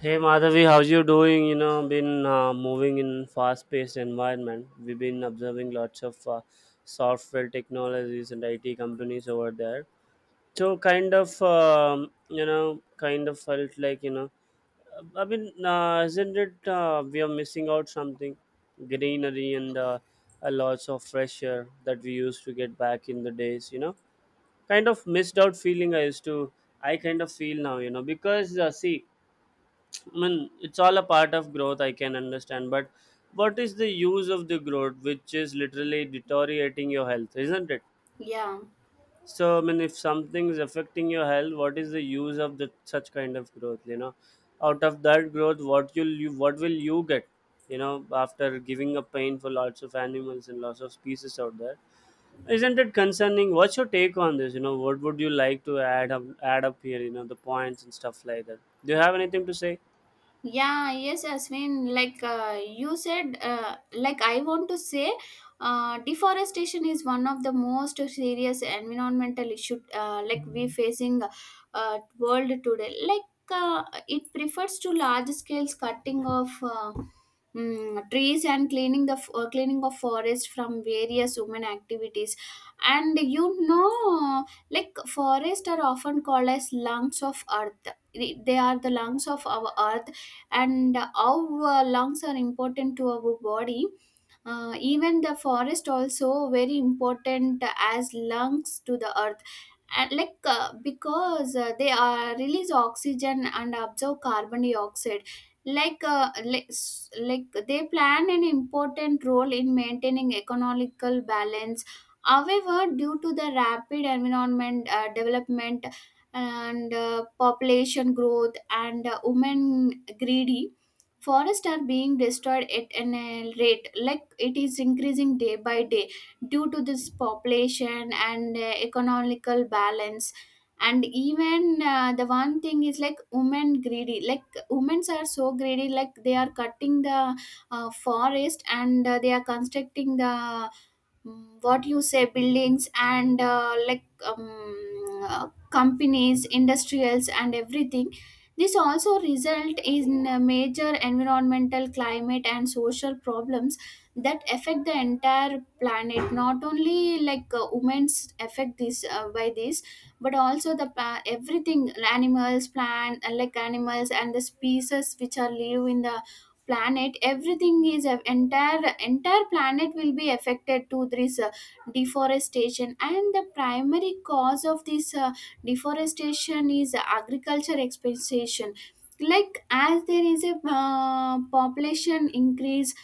Hey Madhavi, how's you doing? You know, been moving in fast-paced environment. We've been observing lots of software technologies and IT companies over there. So kind of, you know, kind of felt like isn't it we are missing out something, greenery and a lots of fresh air that we used to get back in the days. You know, kind of missed out feeling I used to. I kind of feel now, you know, because see I mean, it's all a part of growth, I can understand. But what is the use of the growth, which is literally deteriorating your health, isn't it? Yeah, So, I mean, if something is affecting your health, what is the use of the such kind of growth? You know, out of that growth, what will you get? You know, after giving up pain for lots of animals and lots of species out there, isn't it concerning? What's your take on this? You know, what would you like to add up here? You know, the points and stuff like that. Do you have anything to say? Yeah, yes, Asmin. You said, like I want to say, deforestation is one of the most serious environmental issue like we facing world today. Like, it prefers to large scales cutting of trees and cleaning the cleaning of forest from various human activities. And you know, like forests are often called as lungs of earth. They are the lungs of our earth and how lungs are important to our body, even the forest also very important as lungs to the earth, and like because they release oxygen and absorb carbon dioxide, like they plan an important role in maintaining economical balance. However, due to the rapid environment development and population growth and women greedy, forests are being destroyed at an rate, like it is increasing day by day due to this population and economical balance. And even the one thing is like women greedy, like women are so greedy, like they are cutting the forest and they are constructing the, what you say, buildings and like companies industrials and everything. This also result in major environmental climate and social problems that affect the entire planet, not only like women's affect this by this, but also the everything, animals, plant, like animals and the species which are live in the planet, everything is, entire planet will be affected to this deforestation. And the primary cause of this deforestation is agriculture expansion. Like, as there is a population increase,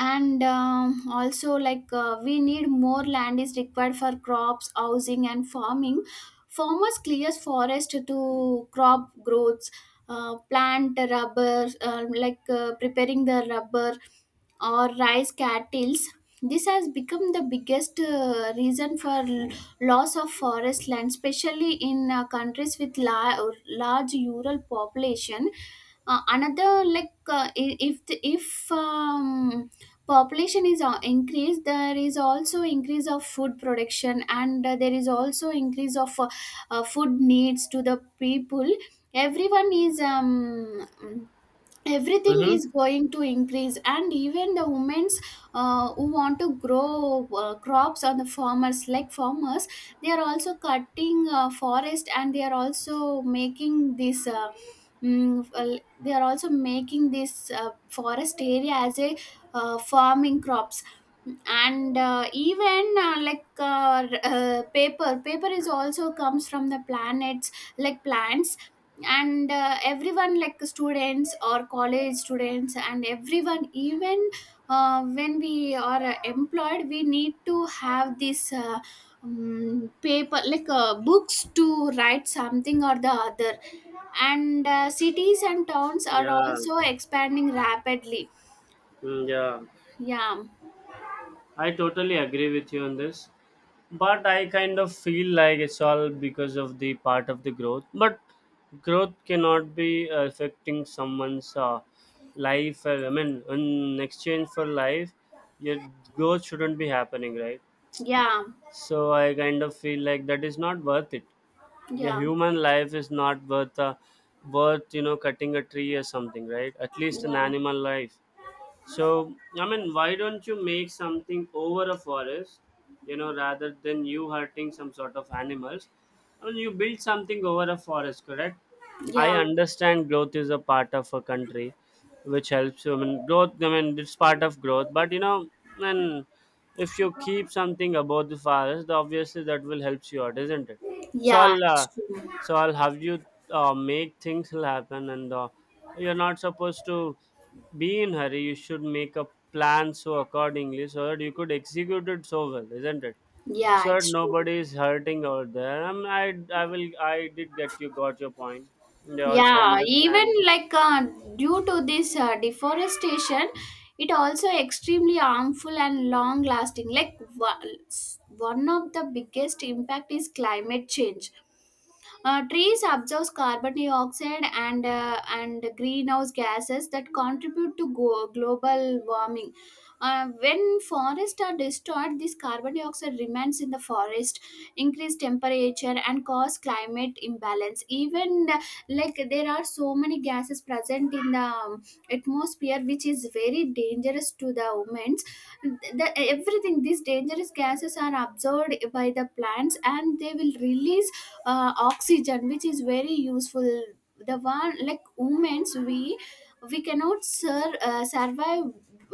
and also like we need more land is required for crops, housing and farming. Farmers clears forest to crop growths, plant rubber, like preparing the rubber or rice cattles. This has become the biggest reason for loss of forest land, especially in countries with large rural population. Another like, if the, if population is increased, there is also increase of food production and there is also increase of food needs to the people. Everyone is Everything Mm-hmm. is going to increase, and even the women's who want to grow crops on the farmers, like farmers, they are also cutting forest, and they are also making this well, they are also making this forest area as a farming crops. And even paper is also comes from the planets, like plants. And everyone, like students or college students, and everyone, even when we are employed, we need to have this paper, like books to write something or the other. And cities and towns are Yeah. also expanding rapidly. Mm, yeah, yeah I totally agree with you on this. But I kind of feel like it's all because of the part of the growth. But growth cannot be affecting someone's life. I mean, in exchange for life, your growth shouldn't be happening, right? yeah So I kind of feel like that is not worth it. The yeah human life is not worth you know cutting a tree or something, right? At least an Yeah, animal life. So, I mean, why don't you make something over a forest, you know, rather than you hurting some sort of animals? I mean, you build something over a forest, correct? I yeah, understand growth is a part of a country, which helps. You. I mean, growth. I mean, it's part of growth. But you know, and if you keep something above the forest, obviously that will help you out, isn't it? So yeah, I'll, it's uh, true. so I'll have you make things will happen, and you're not supposed to be in hurry, you should make a plan so accordingly so that you could execute it so well, isn't it, Yeah, so that it's true. nobody is hurting out there. I did get, you got your point, they also Yeah, even understand. like due to this deforestation, it also extremely harmful and long lasting. Like one of the biggest impact is climate change. Trees absorb carbon dioxide and greenhouse gases that contribute to global warming. When forests are destroyed, this carbon dioxide remains in the forest, increase temperature and cause climate imbalance. Even, like there are so many gases present in the atmosphere, which is very dangerous to the humans. The, everything, these dangerous gases are absorbed by the plants, and they will release oxygen, which is very useful. The one, like humans, we cannot survive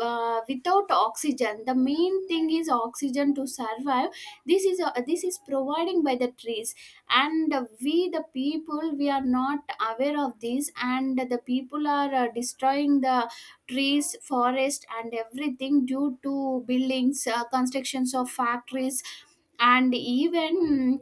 without oxygen. The main thing is oxygen to survive. This is providing by the trees. And we the people, we are not aware of this, and the people are destroying the trees, forest and everything due to buildings, constructions of factories. And even,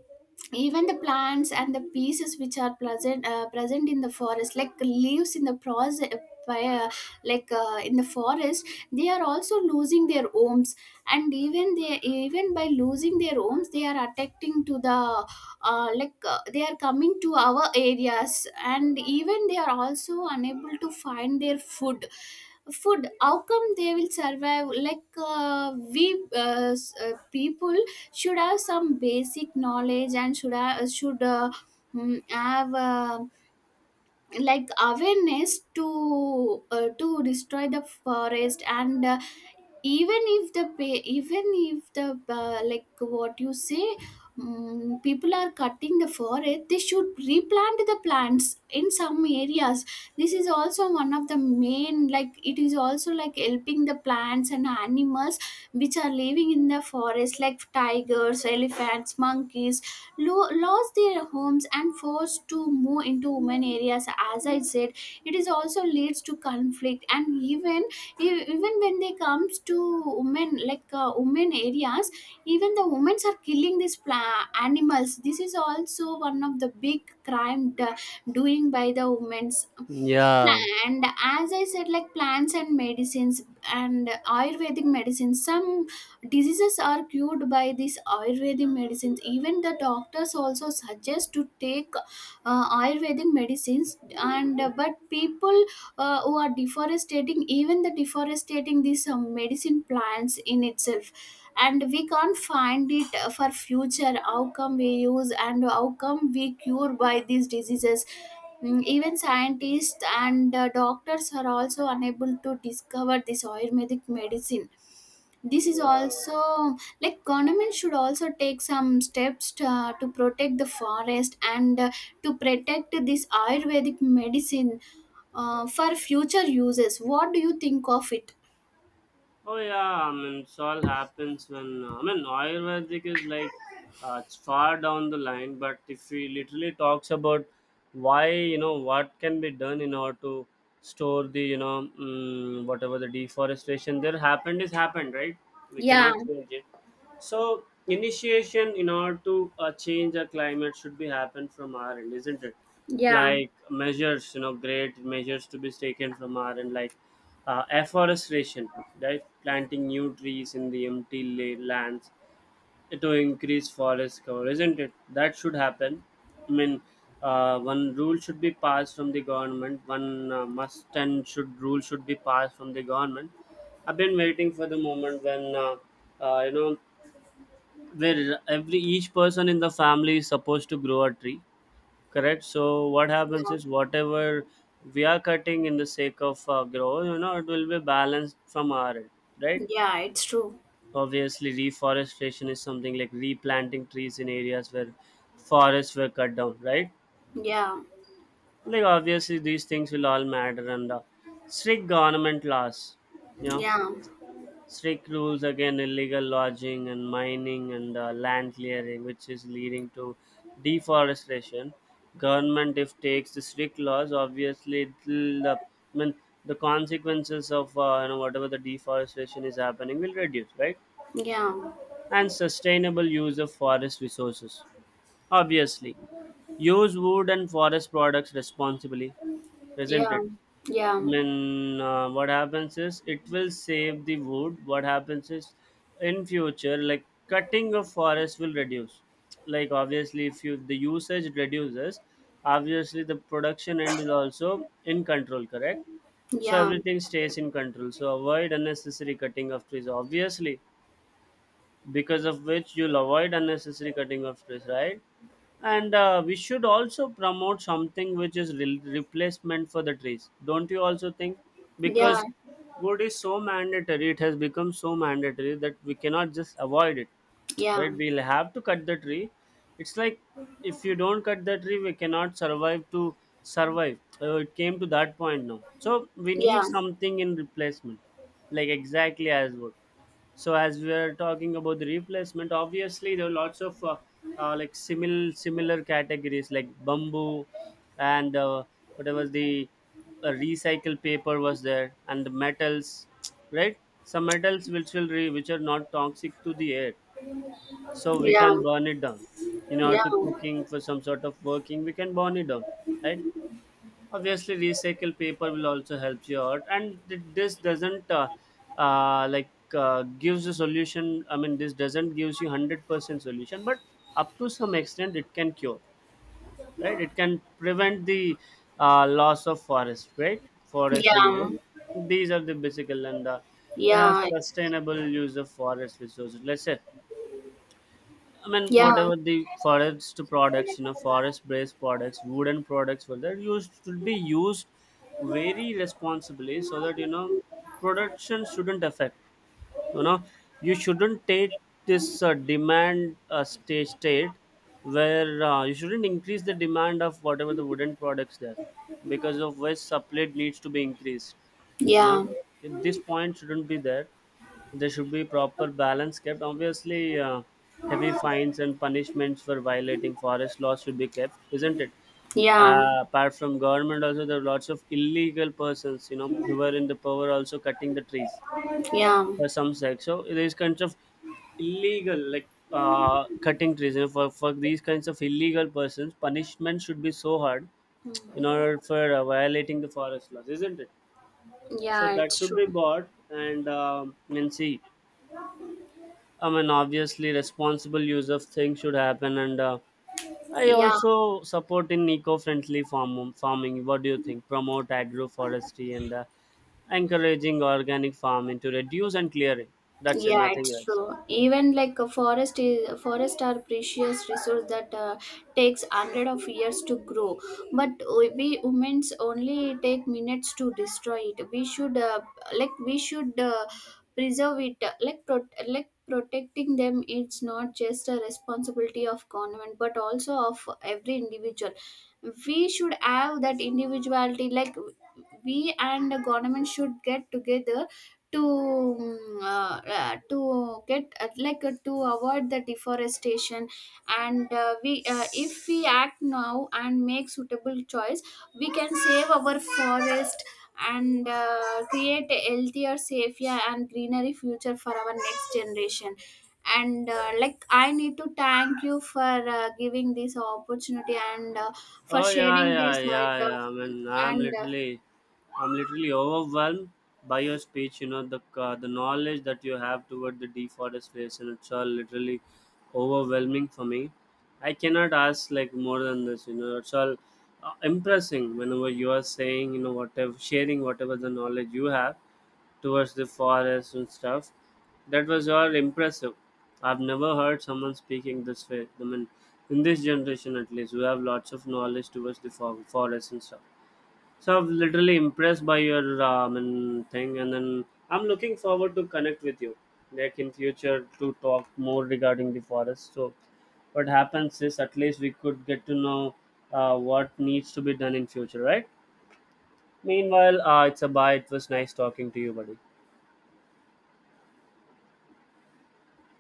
even the plants and the pieces which are present present in the forest, like leaves in the process, uh, in the forest, they are also losing their homes. And even they, even by losing their homes, they are attacking to the, they are coming to our areas, and even they are also unable to find their food. Food, how come they will survive? Like people should have some basic knowledge and should have, should have like awareness to destroy the forest. And even if the even if the like what you say, people are cutting the forest, they should replant the plants in some areas. This is also one of the main, like it is also like helping the plants and animals which are living in the forest, like tigers, elephants, monkeys, lost their homes and forced to move into women areas. As I said, it is also leads to conflict. And even, even when they comes to women, like women areas, even the women are killing these animals. This is also one of the big crime doing by the women's. Yeah. And as I said, like plants and medicines and ayurvedic medicines, some diseases are cured by these ayurvedic medicines. Even the doctors also suggest to take ayurvedic medicines. And but people who are deforestating, even the deforestating these medicine plants in itself, and we can't find it for future. How come we use and how come we cure by these diseases? Mm, even scientists and doctors are also unable to discover this ayurvedic medicine. This is also like government should also take some steps to protect the forest and to protect this ayurvedic medicine for future uses. What do you think of it? Oh yeah, I mean, it's all happens when I mean Ayurvedic is like it's far down the line, but if we literally talks about why you know what can be done in order to store the, you know, whatever the deforestation there happened is happened, right? We yeah cannot change it, so initiation in order to change the climate should be happen from our end, isn't it? yeah Like measures, you know, great measures to be taken from our end, like afforestation, right? Planting new trees in the empty lands to increase forest cover, isn't it? That should happen. I mean, one rule should be passed from the government. One must and should rule should be passed from the government. I've been waiting for the moment when you know where every each person in the family is supposed to grow a tree, correct? So what happens yeah is whatever we are cutting in the sake of grow, you know, it will be balanced from our end, right? yeah it's true. Obviously reforestation is something like replanting trees in areas where forests were cut down, right? Yeah, Like obviously these things will all matter, and strict government laws, you know, yeah, strict rules again illegal lodging and mining and land clearing which is leading to deforestation. Government if takes the strict laws, obviously it'll, the, I mean, the consequences of you know whatever the deforestation is happening will reduce, right? yeah, And sustainable use of forest resources, obviously, use wood and forest products responsibly, isn't yeah, it? yeah, Mean, what happens is it will save the wood. What happens is in future, like cutting of forest will reduce. Like obviously, if you the usage reduces, obviously the production end is also in control. Correct. So yeah, everything stays in control. So avoid unnecessary cutting of trees. Obviously, because of which you'll avoid unnecessary cutting of trees, right? And we should also promote something which is replacement for the trees, don't you also think? yeah, Because wood is so mandatory, it has become so mandatory that we cannot just avoid it, yeah, right? yeah, We'll have to cut the tree. It's like if you don't cut the tree we cannot survive to survive. It came to that point now, so we need yeah, something in replacement, like exactly as wood. So as we are talking about the replacement, obviously there are lots of like similar categories like bamboo and whatever the recycled paper was there and the metals, right? Some metals which will which are not toxic to the air, yeah, so we can yeah, burn it down. In yeah, order to cooking for some sort of working, we can burn it down, right? Obviously recycled paper will also help you out, and this doesn't like gives a solution, I mean this doesn't gives you 100% solution but up to some extent it can cure, right? It can prevent the loss of forest, right? Forest and yeah, wood, these are the basic and the, you know, sustainable use of forest resources, let's say. I mean, whatever the forest products, you know, forest-based products, wooden products, well, they used should be used very responsibly so that you know production shouldn't affect, you know, you shouldn't take this demand stage state where you shouldn't increase the demand of whatever the wooden products there, because of which supply needs to be increased, you know. yeah, At this point shouldn't be there, there should be proper balance kept, obviously, heavy fines and punishments for violating forest laws should be kept, isn't it? yeah, Uh, apart from government also there are lots of illegal persons you know who are in the power also cutting the trees yeah, for some sex. So these kinds of illegal, like cutting trees, you know, for these kinds of illegal persons, punishment should be so hard in order for violating the forest laws, isn't it? So yeah, that it's should be true. bought, and see, I mean, obviously, responsible use of things should happen, and I Yeah, also support in eco-friendly farming. What do you think? Promote agroforestry and encouraging organic farming to reduce and clearing. That's it, Yeah, nothing it's else. true. Even like a forest is, forest are precious resource that takes hundred of years to grow, but we humans only take minutes to destroy it. We should like we should preserve it. Like like protecting them, it's not just a responsibility of government but also of every individual. We should have that individuality. Like we and the government should get together to to get to avoid the deforestation. And we if we act now and make suitable choice, we can save our forest and create a healthier, safer and greenery future for our next generation. And like I need to thank you for giving this opportunity and for Oh yeah, sharing yeah, this yeah, side of, yeah. I mean, I'm and literally, I'm literally overwhelmed by your speech. You know, the knowledge that you have toward the deforestation, it's all literally overwhelming for me. I cannot ask like more than this. You know, it's all impressing whenever you are saying, you know, whatever, sharing whatever the knowledge you have towards the forest and stuff. That was all impressive. I've never heard someone speaking this way. I mean, in this generation at least, we have lots of knowledge towards the forest and stuff. So I'm literally impressed by your and thing, and then I'm looking forward to connect with you, like in future to talk more regarding the forest. So what happens is at least we could get to know what needs to be done in future, right? Meanwhile, it's a bye. It was nice talking to you, buddy.